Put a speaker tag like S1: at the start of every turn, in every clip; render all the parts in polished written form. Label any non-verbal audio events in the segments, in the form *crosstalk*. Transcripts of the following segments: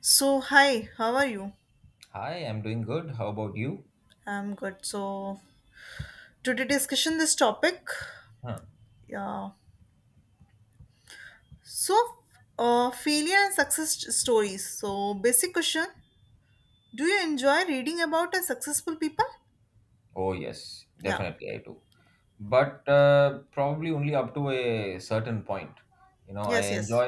S1: So, hi, how are you?
S2: Hi, I'm doing good. How about you?
S1: I'm good. So, today discussion this topic.
S2: Huh.
S1: Yeah. So, failure and success stories. So, basic question: Do you enjoy reading about a successful people?
S2: Oh, yes,
S1: Yeah.
S2: definitely I do. But probably only up to a certain point. You know, I
S1: Yes. Yes.
S2: enjoy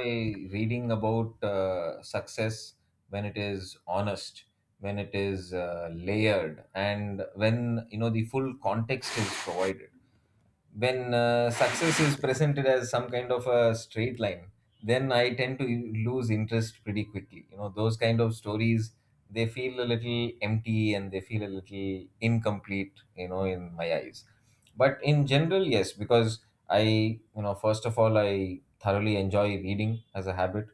S2: reading about success when it is honest, when it is layered, and when, the full context is provided. When success is presented as some kind of a straight line, then I tend to lose interest pretty quickly. Those kind of stories, they feel a little empty, and they feel a little incomplete, in my eyes. But in general, yes, because I, first of all, I thoroughly enjoy reading as a habit.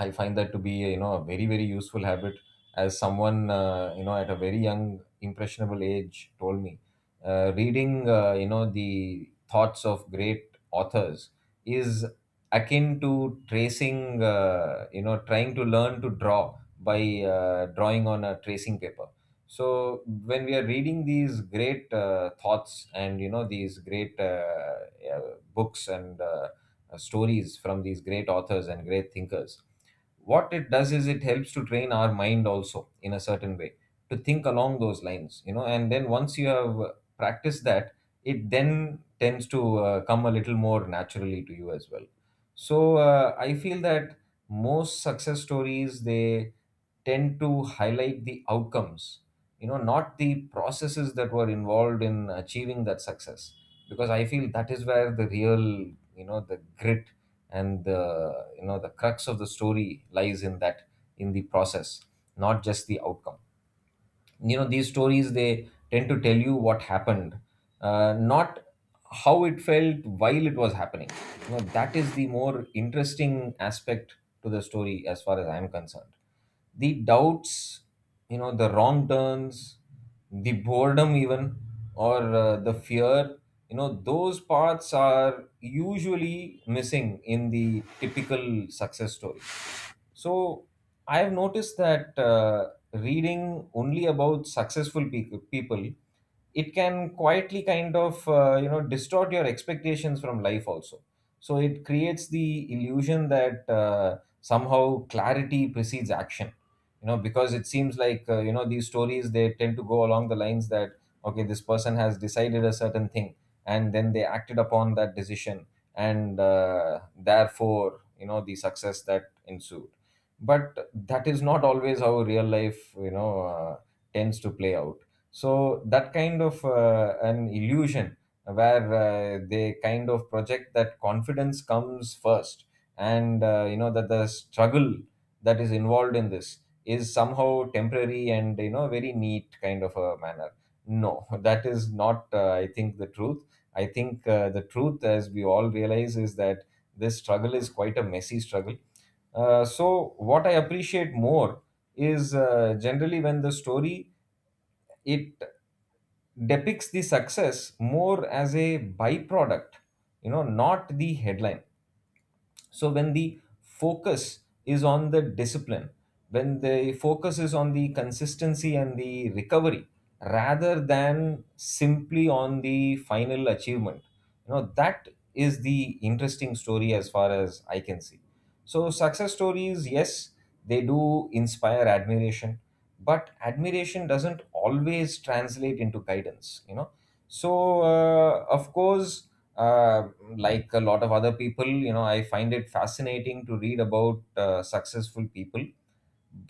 S2: I find that to be a, you know a very very useful habit. As someone, at a very young impressionable age, told me, reading, the thoughts of great authors is akin to tracing, trying to learn to draw by drawing on a tracing paper. So when we are reading these great thoughts, and these great uh, books, and stories from these great authors and great thinkers, what it does is it helps to train our mind also in a certain way to think along those lines. And then once you have practiced that, it then tends to come a little more naturally to you as well. So I feel that most success stories, they tend to highlight the outcomes, not the processes that were involved in achieving that success, because I feel that is where the real, the grit, and the you know the crux of the story lies, in that, in the process, not just the outcome. These stories, they tend to tell you what happened, not how it felt while it was happening. That is the more interesting aspect to the story as far as I'm concerned: the doubts, the wrong turns, the boredom even, or the fear. Those parts are usually missing in the typical success story. So I have noticed that reading only about successful people, it can quietly kind of distort your expectations from life also. So it creates the illusion that somehow clarity precedes action, because it seems like, these stories, they tend to go along the lines that, okay, this person has decided a certain thing, and then they acted upon that decision, and therefore, the success that ensued. But that is not always how real life, tends to play out. So that kind of an illusion, where they kind of project that confidence comes first, and, that the struggle that is involved in this is somehow temporary and, very neat kind of a manner. No. *laughs* That is not, I think, the truth. I think, the truth, as we all realize, is that this struggle is quite a messy struggle. So what I appreciate more is, generally, when the story, it depicts the success more as a byproduct, not the headline. So when the focus is on the discipline, when the focus is on the consistency and the recovery, rather than simply on the final achievement, that is the interesting story as far as I can see. So success stories, yes, they do inspire admiration, but admiration doesn't always translate into guidance, you know. So, of course, uh, like a lot of other people, I find it fascinating to read about successful people.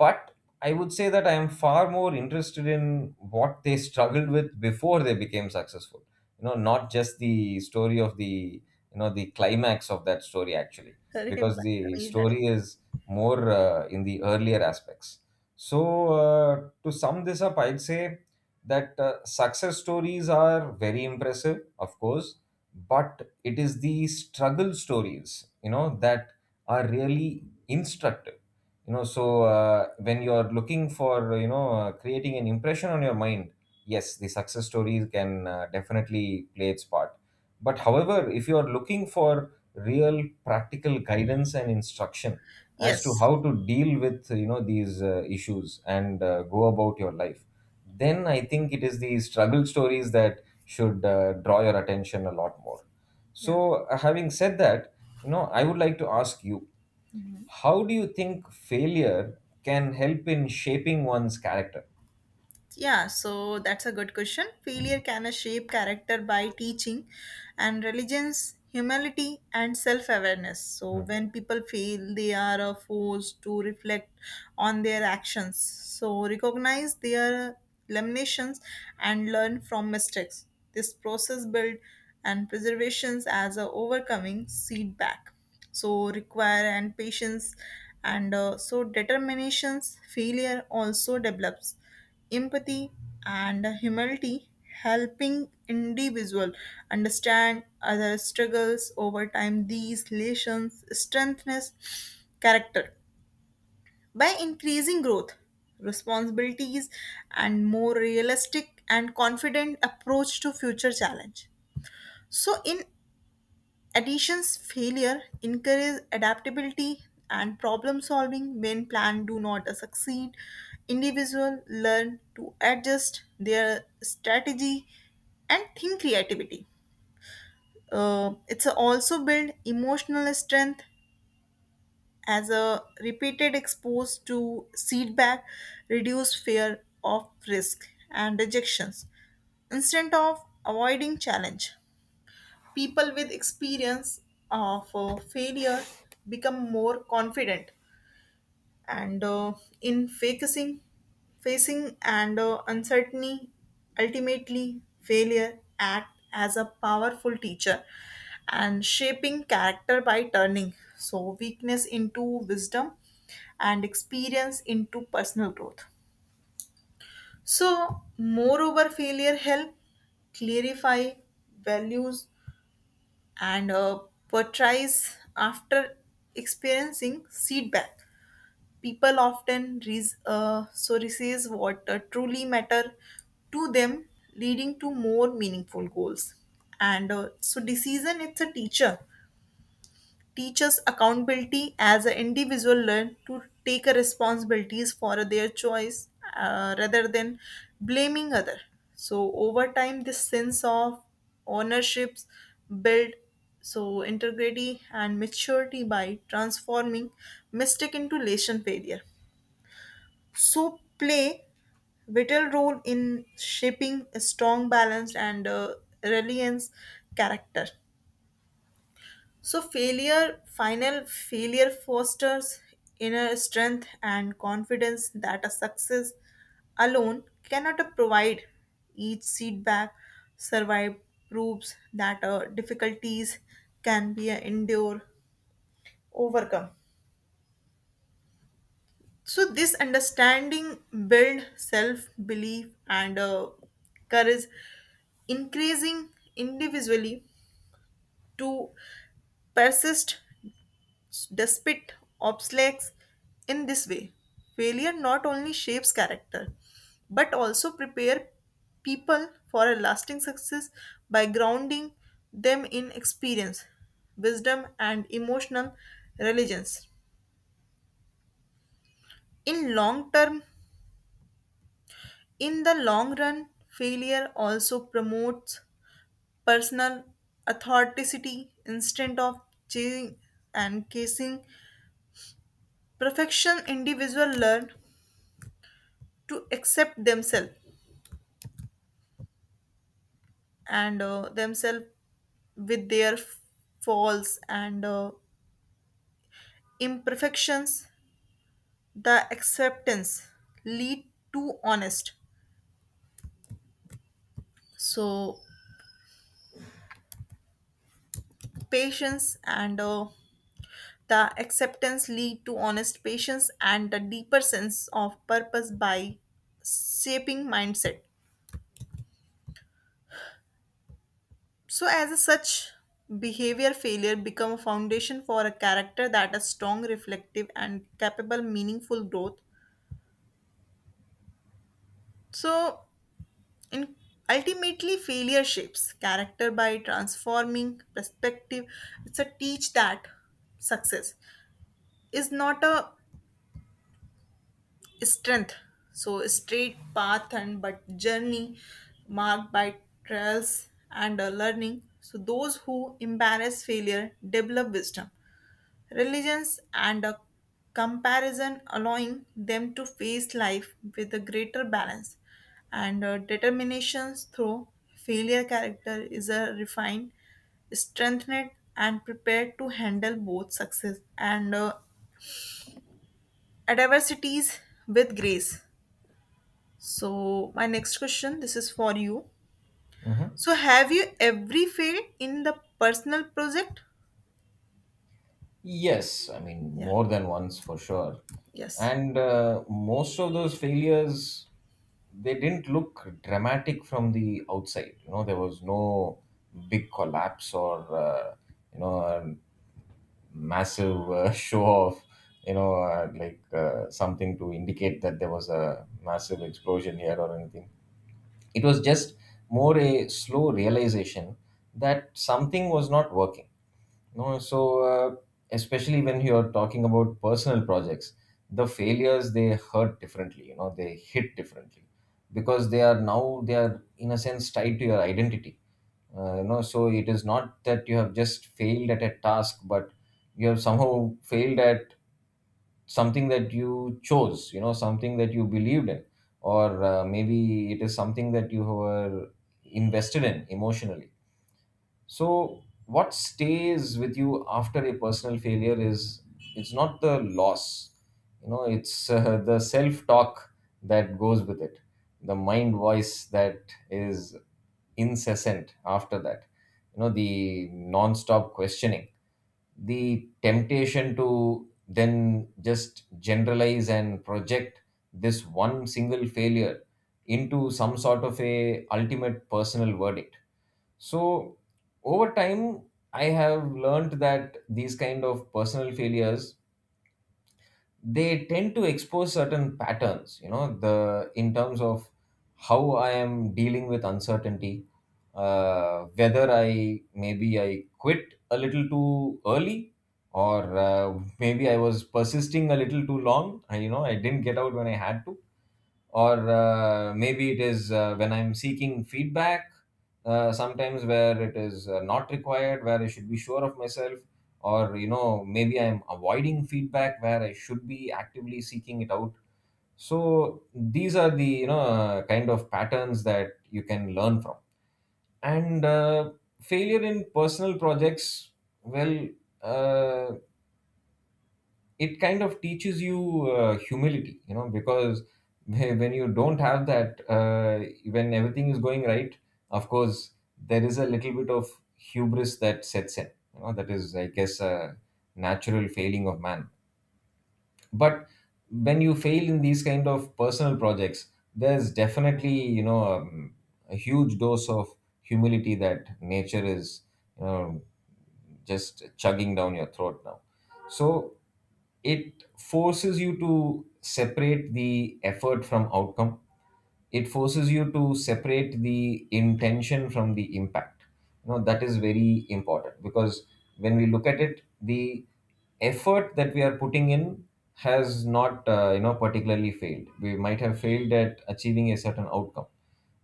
S2: But I would say that I am far more interested in what they struggled with before they became successful, not just the story of the you know the climax of that story actually.
S1: अरे,
S2: Because
S1: बात तो
S2: the
S1: वही लड़ी.
S2: story is more in the earlier aspects. So to sum this up, I'd say that success stories are very impressive, of course, but it is the struggle stories, that are really instructive. So when you're looking for, creating an impression on your mind, yes, the success stories can definitely play its part. But however, if you're looking for real practical guidance and instruction as to
S1: Yes.
S2: how to deal with, these issues, and go about your life, then I think it is the struggle stories that should draw your attention a lot more.
S1: Yeah.
S2: So having said that, I would like to ask you, how do you think failure can help in shaping one's character?
S1: Yeah, so that's a good question. Failure can shape character by teaching and religions, humility, and self awareness. So, when people fail, they are forced to reflect on their actions. So, recognize their limitations and learn from mistakes. This process builds and preservations as a overcoming feedback. So, require and patience and so determinations failure also develops empathy and humility helping individual understand other struggles. Over time these lessons strengthens character by increasing growth responsibilities and more realistic and confident approach to future challenge. So in Addition's failure encourages adaptability and problem solving when plans do not succeed. Individuals learn to adjust their strategy and think creativity. It's also build emotional strength as a repeated exposed to feedback reduce fear of risk and rejections instead of avoiding challenge, people with experience of failure become more confident and in facing and uncertainty. Ultimately failure act as a powerful teacher and shaping character by turning so weakness into wisdom and experience into personal growth. So moreover failure help clarify values and portrays after experiencing feedback. People often so receive what truly matter to them, leading to more meaningful goals. And so, decision it's a teacher teaches accountability as an individual learn to take a responsibilities for their choice, rather than blaming other. So over time this sense of ownerships build so integrity and maturity by transforming mistake into lesson failure so play vital role in shaping a strong balanced, and reliance character. So failure, final failure fosters inner strength and confidence that a success alone cannot provide. Each setback survived proves that difficulties can be endured, overcome. So this understanding build self belief and courage, increasing individually to persist despite obstacles. In this way failure not only shapes character but also prepare people for a lasting success by grounding them in experience wisdom and emotional religions in long term in the long run. Failure also promotes personal authenticity instead of chasing and chasing perfection. Individuals learn to accept themselves and themselves with their faults and imperfections. The acceptance lead to honest so patience and the acceptance lead to honest patience and a deeper sense of purpose by shaping mindset so as a such behavior failure become a foundation for a character that is strong reflective and capable meaningful growth. So And ultimately, failure shapes character by transforming perspective. It's a teach that success is not a strength, so a straight path and but journey marked by trials and learning. So those who embrace failure develop wisdom religions, and a comparison, allowing them to face life with a greater balance and determination through failure character is a refined, strengthened, and prepared to handle both success and adversities with grace. So, my next question this is for you.
S2: Mm-hmm.
S1: So, have you every failed in the personal project?
S2: Yes, I mean,
S1: Yeah.
S2: more than once for sure.
S1: Yes.
S2: And most of those failures, they didn't look dramatic from the outside. You know, there was no big collapse or, a massive *laughs* show of, like something to indicate that there was a massive explosion here or anything. It was just more a slow realization that something was not working. No, so especially when you're talking about personal projects, the failures, they hurt differently. You know, they hit differently, because they are now they are, in a sense, tied to your identity. So it is not that you have just failed at a task, but you have somehow failed at something that you chose, something that you believed in, or maybe it is something that you were invested in emotionally. So what stays with you after a personal failure is, it's not the loss, you know, it's *laughs* the self talk that goes with it, the mind voice that is incessant after that, the non stop questioning, the temptation to then just generalize and project this one single failure into some sort of a ultimate personal verdict. So over time, I have learned that these kind of personal failures, they tend to expose certain patterns, you know the in terms of how I am dealing with uncertainty, whether I maybe I quit a little too early, or maybe I was persisting a little too long and, I didn't get out when I had to, or maybe it is, when I'm seeking feedback, sometimes where it is not required, where I should be sure of myself, or, maybe I'm avoiding feedback where I should be actively seeking it out. So these are the, kind of patterns that you can learn from. And, failure in personal projects, well, uh, it kind of teaches you humility, you know, because when you don't have that, when everything is going right, of course, there is a little bit of hubris that sets in, you know, that is, I guess, a natural failing of man. But when you fail in these kind of personal projects, there's definitely, a huge dose of humility that nature is, you know, just chugging down your throat now. So it forces you to separate the effort from outcome, it forces you to separate the intention from the impact. You know, that is very important, because when we look at it, the effort that we are putting in has not, particularly failed. We might have failed at achieving a certain outcome,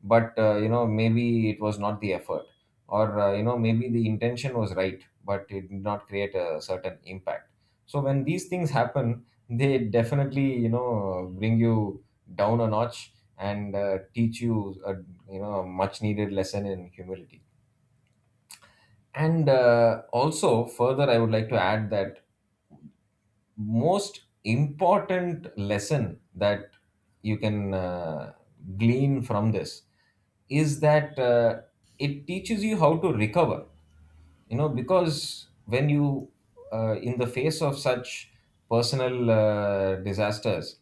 S2: but, maybe it was not the effort, or, maybe the intention was right, but it did not create a certain impact. So when these things happen, *laughs* they definitely, bring you down a notch, and teach you a you know a much needed lesson in humility. And, also, further, I would like to add that most important lesson that you can glean from this is that, it teaches you how to recover. You know, because when you, in the face of such personal, disasters,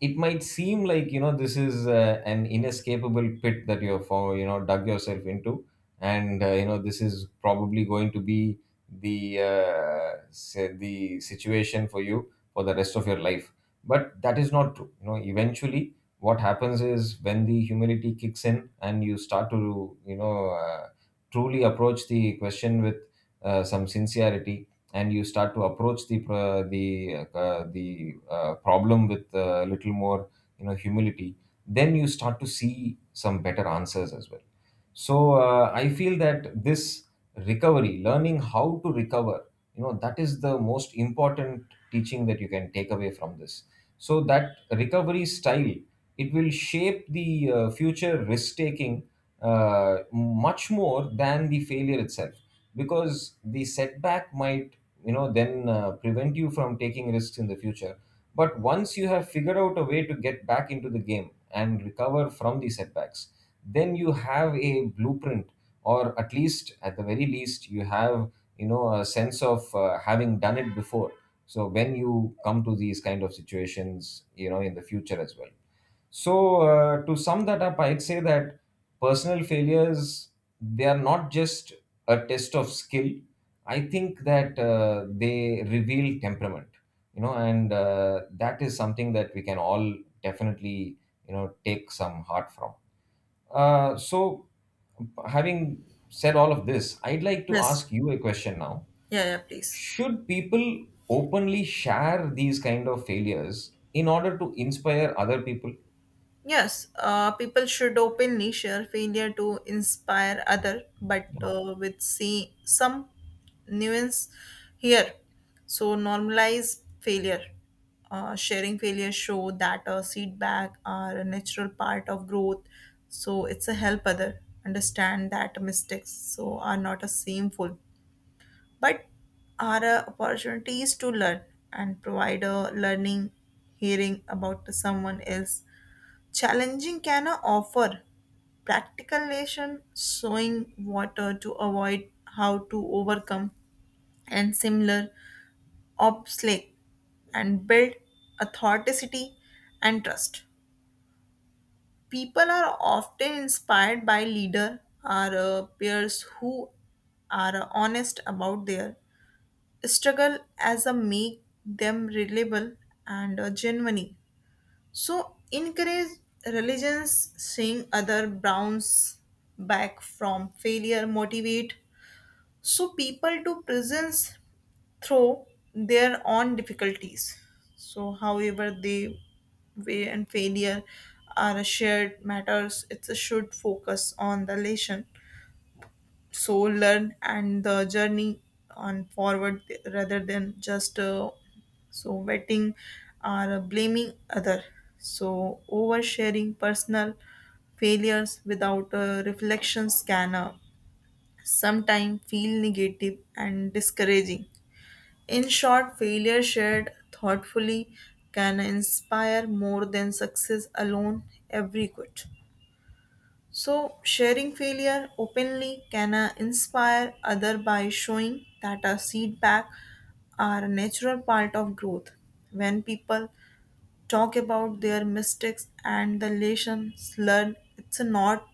S2: it might seem like, this is an inescapable pit that you're, for you know dug yourself into. And, this is probably going to be the situation for you for the rest of your life. But that is not true. You know, eventually what happens is, when the humility kicks in and you start to, uh, truly approach the question with, some sincerity, and you start to approach the problem with a little more, humility. Then you start to see some better answers as well. So I feel that this recovery, learning how to recover, you know, that is the most important teaching that you can take away from this. So that recovery style, it will shape the future risk taking much more than the failure itself, because the setback might you know then Prevent you from taking risks in the future. But once you have figured out a way to get back into the game and recover from the setbacks, then you have a blueprint, or at least at the very least you have, a sense of having done it before. So when you come to these kind of situations, you know, in the future as well. So, to sum that up, I'd say that personal failures, they are not just a test of skill. I think that they reveal temperament, you know, and that is something that we can all definitely, you know, take some heart from. So, having said all of this, I'd like to
S1: Yes.
S2: ask you a question now.
S1: Yeah, yeah, please.
S2: Should people openly share these kind of failures in order to inspire other people?
S1: Yes, people should openly share failure to inspire other, but with see some nuance here. So normalize failure. Sharing failure show that feedback are a natural part of growth. So it's a help other understand that mistakes so are not a shameful, but are opportunities to learn and provide a learning hearing about someone else challenging can offer practical lesson showing water to avoid how to overcome and similar obstacle and build authenticity and trust. People are often inspired by leader or peers who are honest about their struggle as a make them reliable and genuine. So encourage religions seeing other bounce back from failure, motivate so people to presence through their own difficulties. So however they way and failure are shared matters, it should focus on the lesson so learn and the journey on forward rather than just so wetting or blaming other. So oversharing personal failures without a reflection scanner sometimes feel negative and discouraging. In short failure shared thoughtfully can inspire more than success alone every good. So, sharing failure openly can inspire others by showing that a setback are a natural part of growth. When people talk about their mistakes and the lessons learned, it's not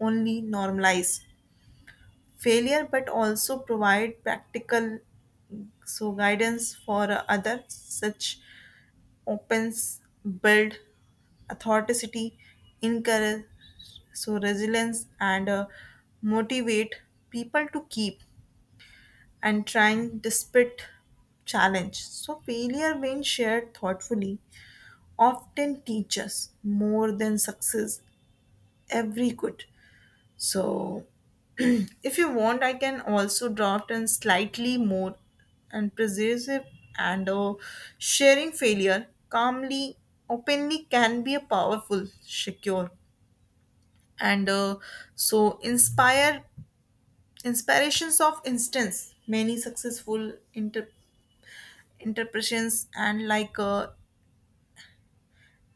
S1: only normalize failure but also provide practical so guidance for others. Such opens, build authenticity, encourage so resilience and motivate people to keep and trying despite challenge. So failure when shared thoughtfully often teaches more than success every good. So *clears throat* if you want, I can also draft in slightly more and persuasive and sharing failure calmly, openly can be a powerful, secure, and so inspire inspirations of instance. Many successful interpretations and like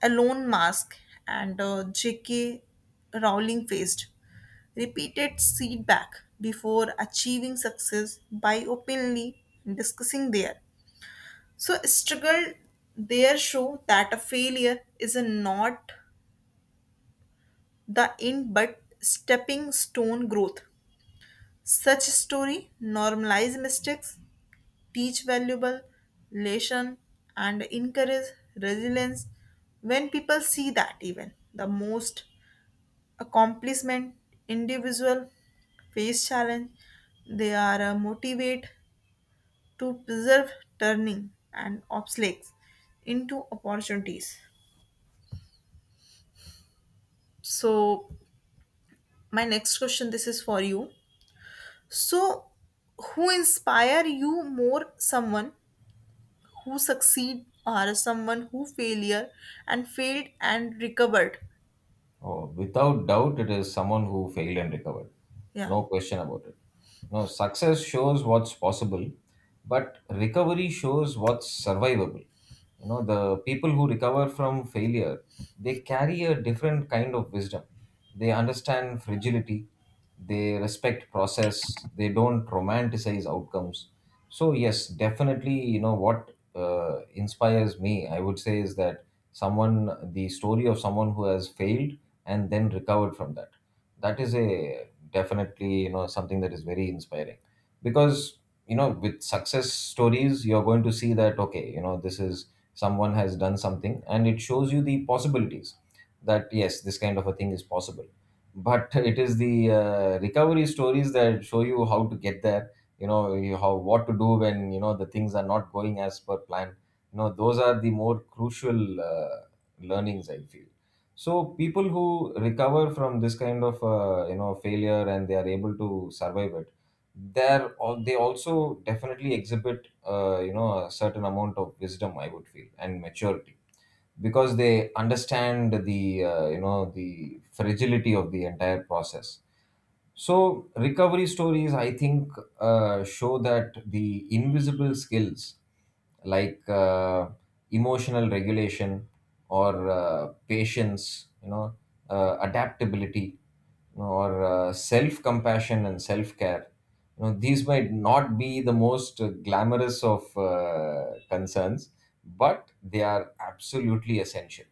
S1: Alone Mask and J.K. Rowling faced repeated feedback before achieving success by openly discussing their so struggle there show that a failure is not the end but stepping stone growth. Such story normalize mistakes, teach valuable lesson and encourage resilience when people see that even the most accomplishment individual face challenge they are motivate to preserve turning and obstacles into opportunities. So my next question this is for you. So who inspire you more, someone who succeed or someone who failure and failed and recovered?
S2: Oh, without doubt, it is someone who failed and recovered.
S1: Yeah.
S2: No question about it. No, success shows what's possible, but recovery shows what's survivable. You know, the people who recover from failure, they carry a different kind of wisdom. They understand fragility, they respect process, they don't romanticize outcomes. So yes, definitely, you know what inspires me, I would say, is that someone the story of someone who has failed and then recovered from that, that is a definitely, you know, something that is very inspiring. Because, you know, with success stories, you're going to see that okay, you know, this is, someone has done something, and it shows you the possibilities, that yes, this kind of a thing is possible. But it is the recovery stories that show you how to get there. How, what to do when, you know, the things are not going as per plan. You know, those are the more crucial learnings, I feel. So people who recover from this kind of you know, failure, and they are able to survive it, they also definitely exhibit, you know, a certain amount of wisdom, I would feel, and maturity, because they understand the, you know, the fragility of the entire process. So, recovery stories, I think, show that the invisible skills, like emotional regulation, or patience, you know, adaptability, you know, or self compassion and self care, you know, these might not be the most glamorous of concerns, but they are absolutely essential.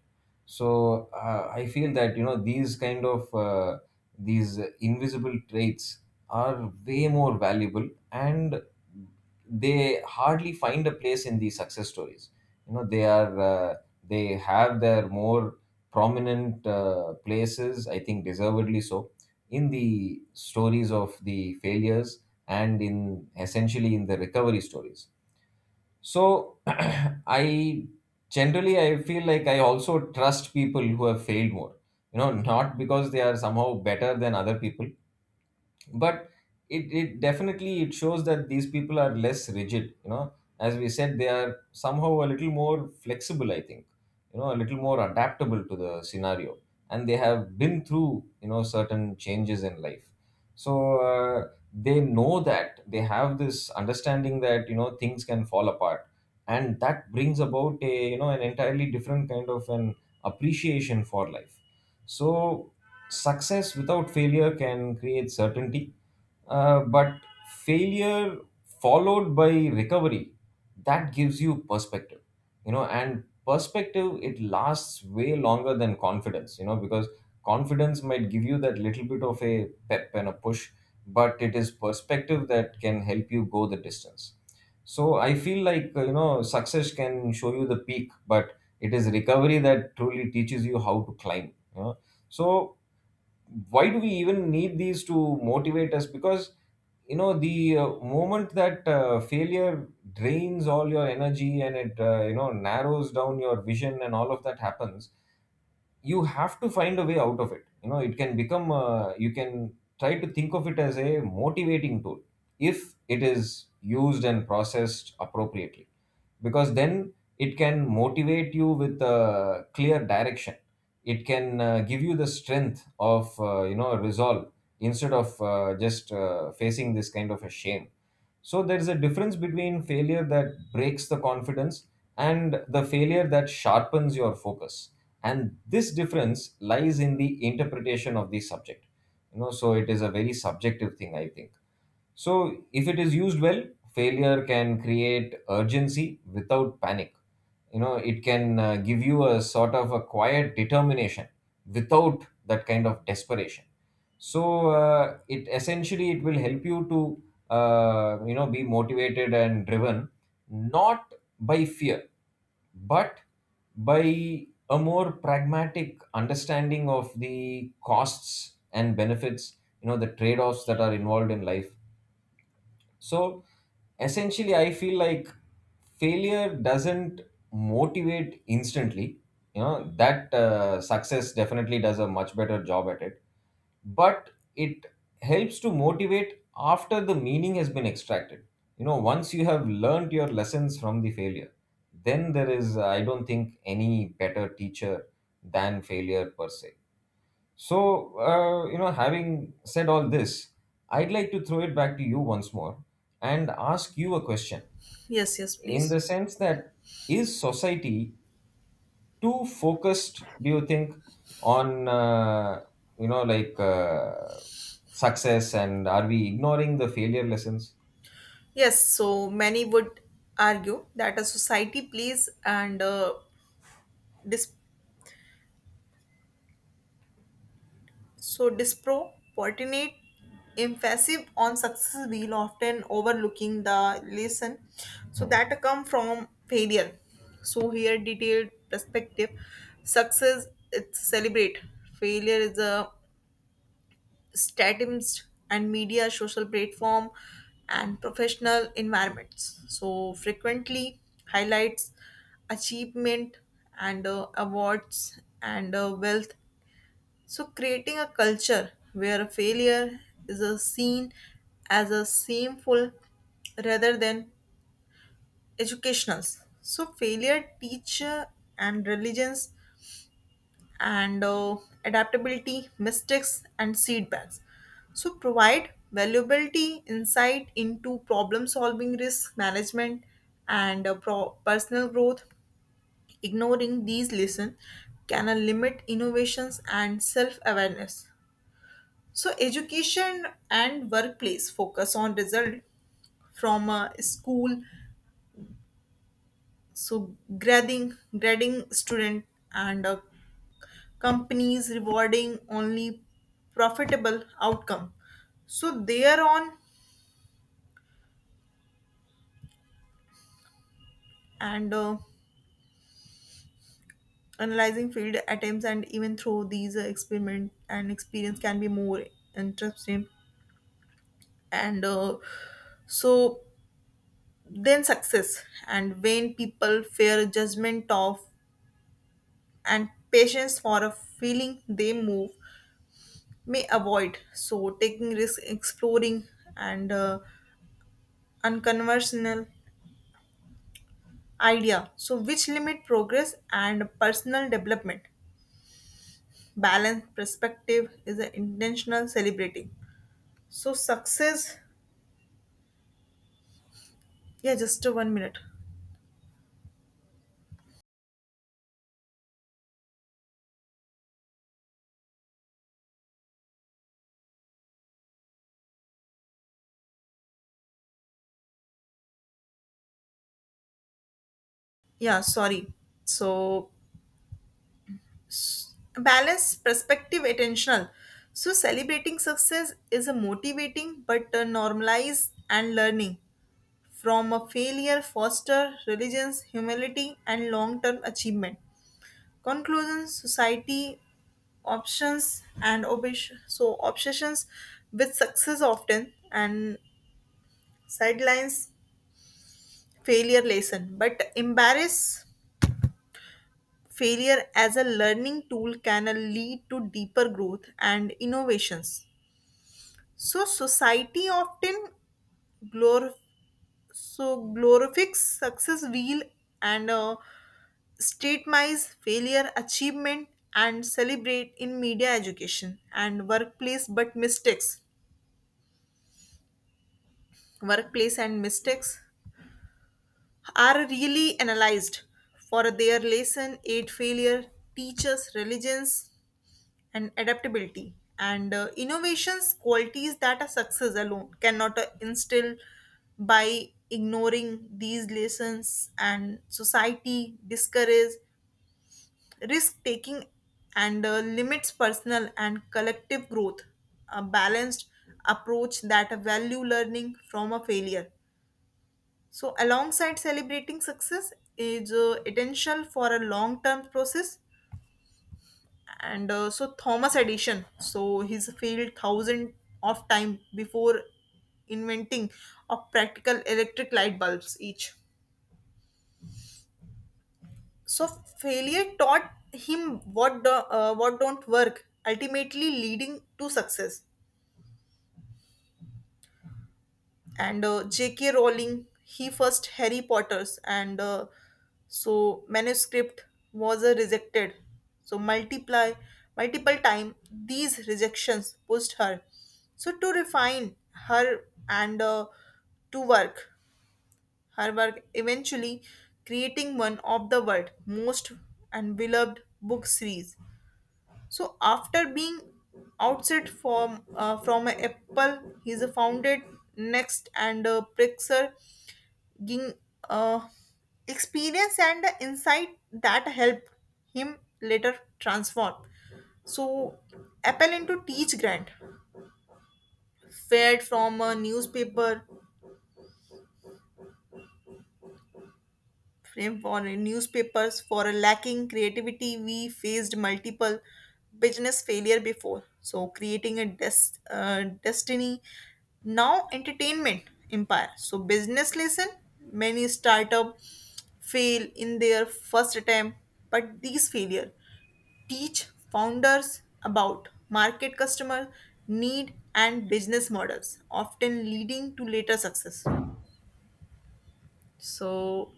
S2: So, I feel that, you know, these kind of these invisible traits are way more valuable, and they hardly find a place in the success stories. you know they are uh, they have their more prominent places, I think, deservedly so, in the stories of the failures, and in, essentially, in the recovery stories. So *clears throat* I feel like I also trust people who have failed more. You know, not because they are somehow better than other people, but it definitely it shows that these people are less rigid, you know, as we said, they are somehow a little more flexible, I think, you know, a little more adaptable to the scenario, and they have been through, you know, certain changes in life. So they know that, they have this understanding that, you know, things can fall apart, and that brings about a, you know, an entirely different kind of an appreciation for life. So, success without failure can create certainty, but failure followed by recovery, that gives you perspective, you know. And perspective, it lasts way longer than confidence, you know, because confidence might give you that little bit of a pep and a push, but it is perspective that can help you go the distance. So I feel like, you know, success can show you the peak, but it is recovery that truly teaches you how to climb, you know. So, why do we even need these to motivate us? Because, you know, the moment that failure drains all your energy, and it, you know, narrows down your vision, and all of that happens, you have to find a way out of it. You know, it can become you can try to think of it as a motivating tool, if it is used and processed appropriately. Because then it can motivate you with a clear direction. It can give you the strength of, you know, resolve, instead of, just facing this kind of a shame. So there is a difference between failure that breaks the confidence and the failure that sharpens your focus. And this difference lies in the interpretation of the subject. You know, so it is a very subjective thing, I think. So, if it is used well, failure can create urgency without panic. You know, it can give you a sort of a quiet determination without that kind of desperation. So, it will help you to, you know, be motivated and driven, not by fear, but by a more pragmatic understanding of the costs and benefits, you know, the trade-offs that are involved in life. So, essentially, I feel like failure doesn't motivate instantly. You know, that success definitely does a much better job at it, but it helps to motivate after the meaning has been extracted. You know, once you have learned your lessons from the failure, then there is, I don't think, any better teacher than failure per se. So, you know, having said all this, I'd like to throw it back to you once more and ask you a question,
S1: Yes, yes
S2: in
S1: please.
S2: the sense that, is society too focused, do you think, on, you know, like success, and are we ignoring the failure lessons?
S1: Yes, so many would argue that a society plays and Dis- so disproportionate emphasis on success will often overlooking the lesson so that come from failure. So here detailed perspective success it's celebrate failure is a statist and media social platform and professional environments so frequently highlights achievement and awards and wealth. So, creating a culture where failure is a seen as a shameful rather than educational. So, failure, teacher, and religions, and adaptability, mistakes, and setbacks. So, provide valuability insight into problem solving, risk management, and personal growth. Ignoring these lessons can limit innovations and self awareness. So, education and workplace focus on result from a school. So, grading student and companies rewarding only profitable outcome. So, they are on and analyzing field attempts and even through these experiment and experience can be more interesting and so then success and when people fear judgment of and patience for a feeling they move may avoid. So taking risk, exploring, and unconventional idea. So which limit progress and personal development. Balance perspective is an intentional celebrating. So success, yeah, just one minute. Yeah, sorry. So balance, perspective, attentional. So celebrating success is a motivating but normalized and learning from a failure foster religions, humility, and long-term achievement. Conclusion: Society options and so obsessions with success often and sidelines failure lesson, but embrace failure as a learning tool can lead to deeper growth and innovations. So society often glorifies glorifies success wheel and statemize failure, achievement, and celebrate in media education and workplace, but mistakes, workplace and mistakes are really analyzed for their lesson, aid failure, teaches religions, and adaptability and innovations qualities that a success alone cannot instill by ignoring these lessons and society discourages risk taking and limits personal and collective growth a balanced approach that value learning from a failure so alongside celebrating success is essential for a long term process and so Thomas Edison. So he's failed thousand of time before inventing a practical electric light bulbs each. So failure taught him what don't work, ultimately leading to success. And J.K. Rowling, he first Harry Potter's, and so manuscript was rejected. So multiply multiple time these rejections pushed her. So to refine her and to work her work, eventually creating one of the world most and beloved book series. So after being outset from a Apple, he is founded Next and Prixer, giving uh, experience and the insight that help him later transform. So Apple into Teach Grant, fed from a newspaper frame for newspapers for a lacking creativity we faced multiple business failure before so creating a destiny now entertainment empire. So business lesson many startup fail in their first attempt but these failure teach founders about market customer need and business models often leading to later success. So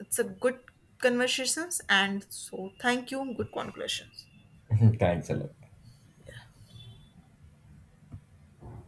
S1: it's a good conversations and so thank you good conclusions.
S2: *laughs* Thanks a lot.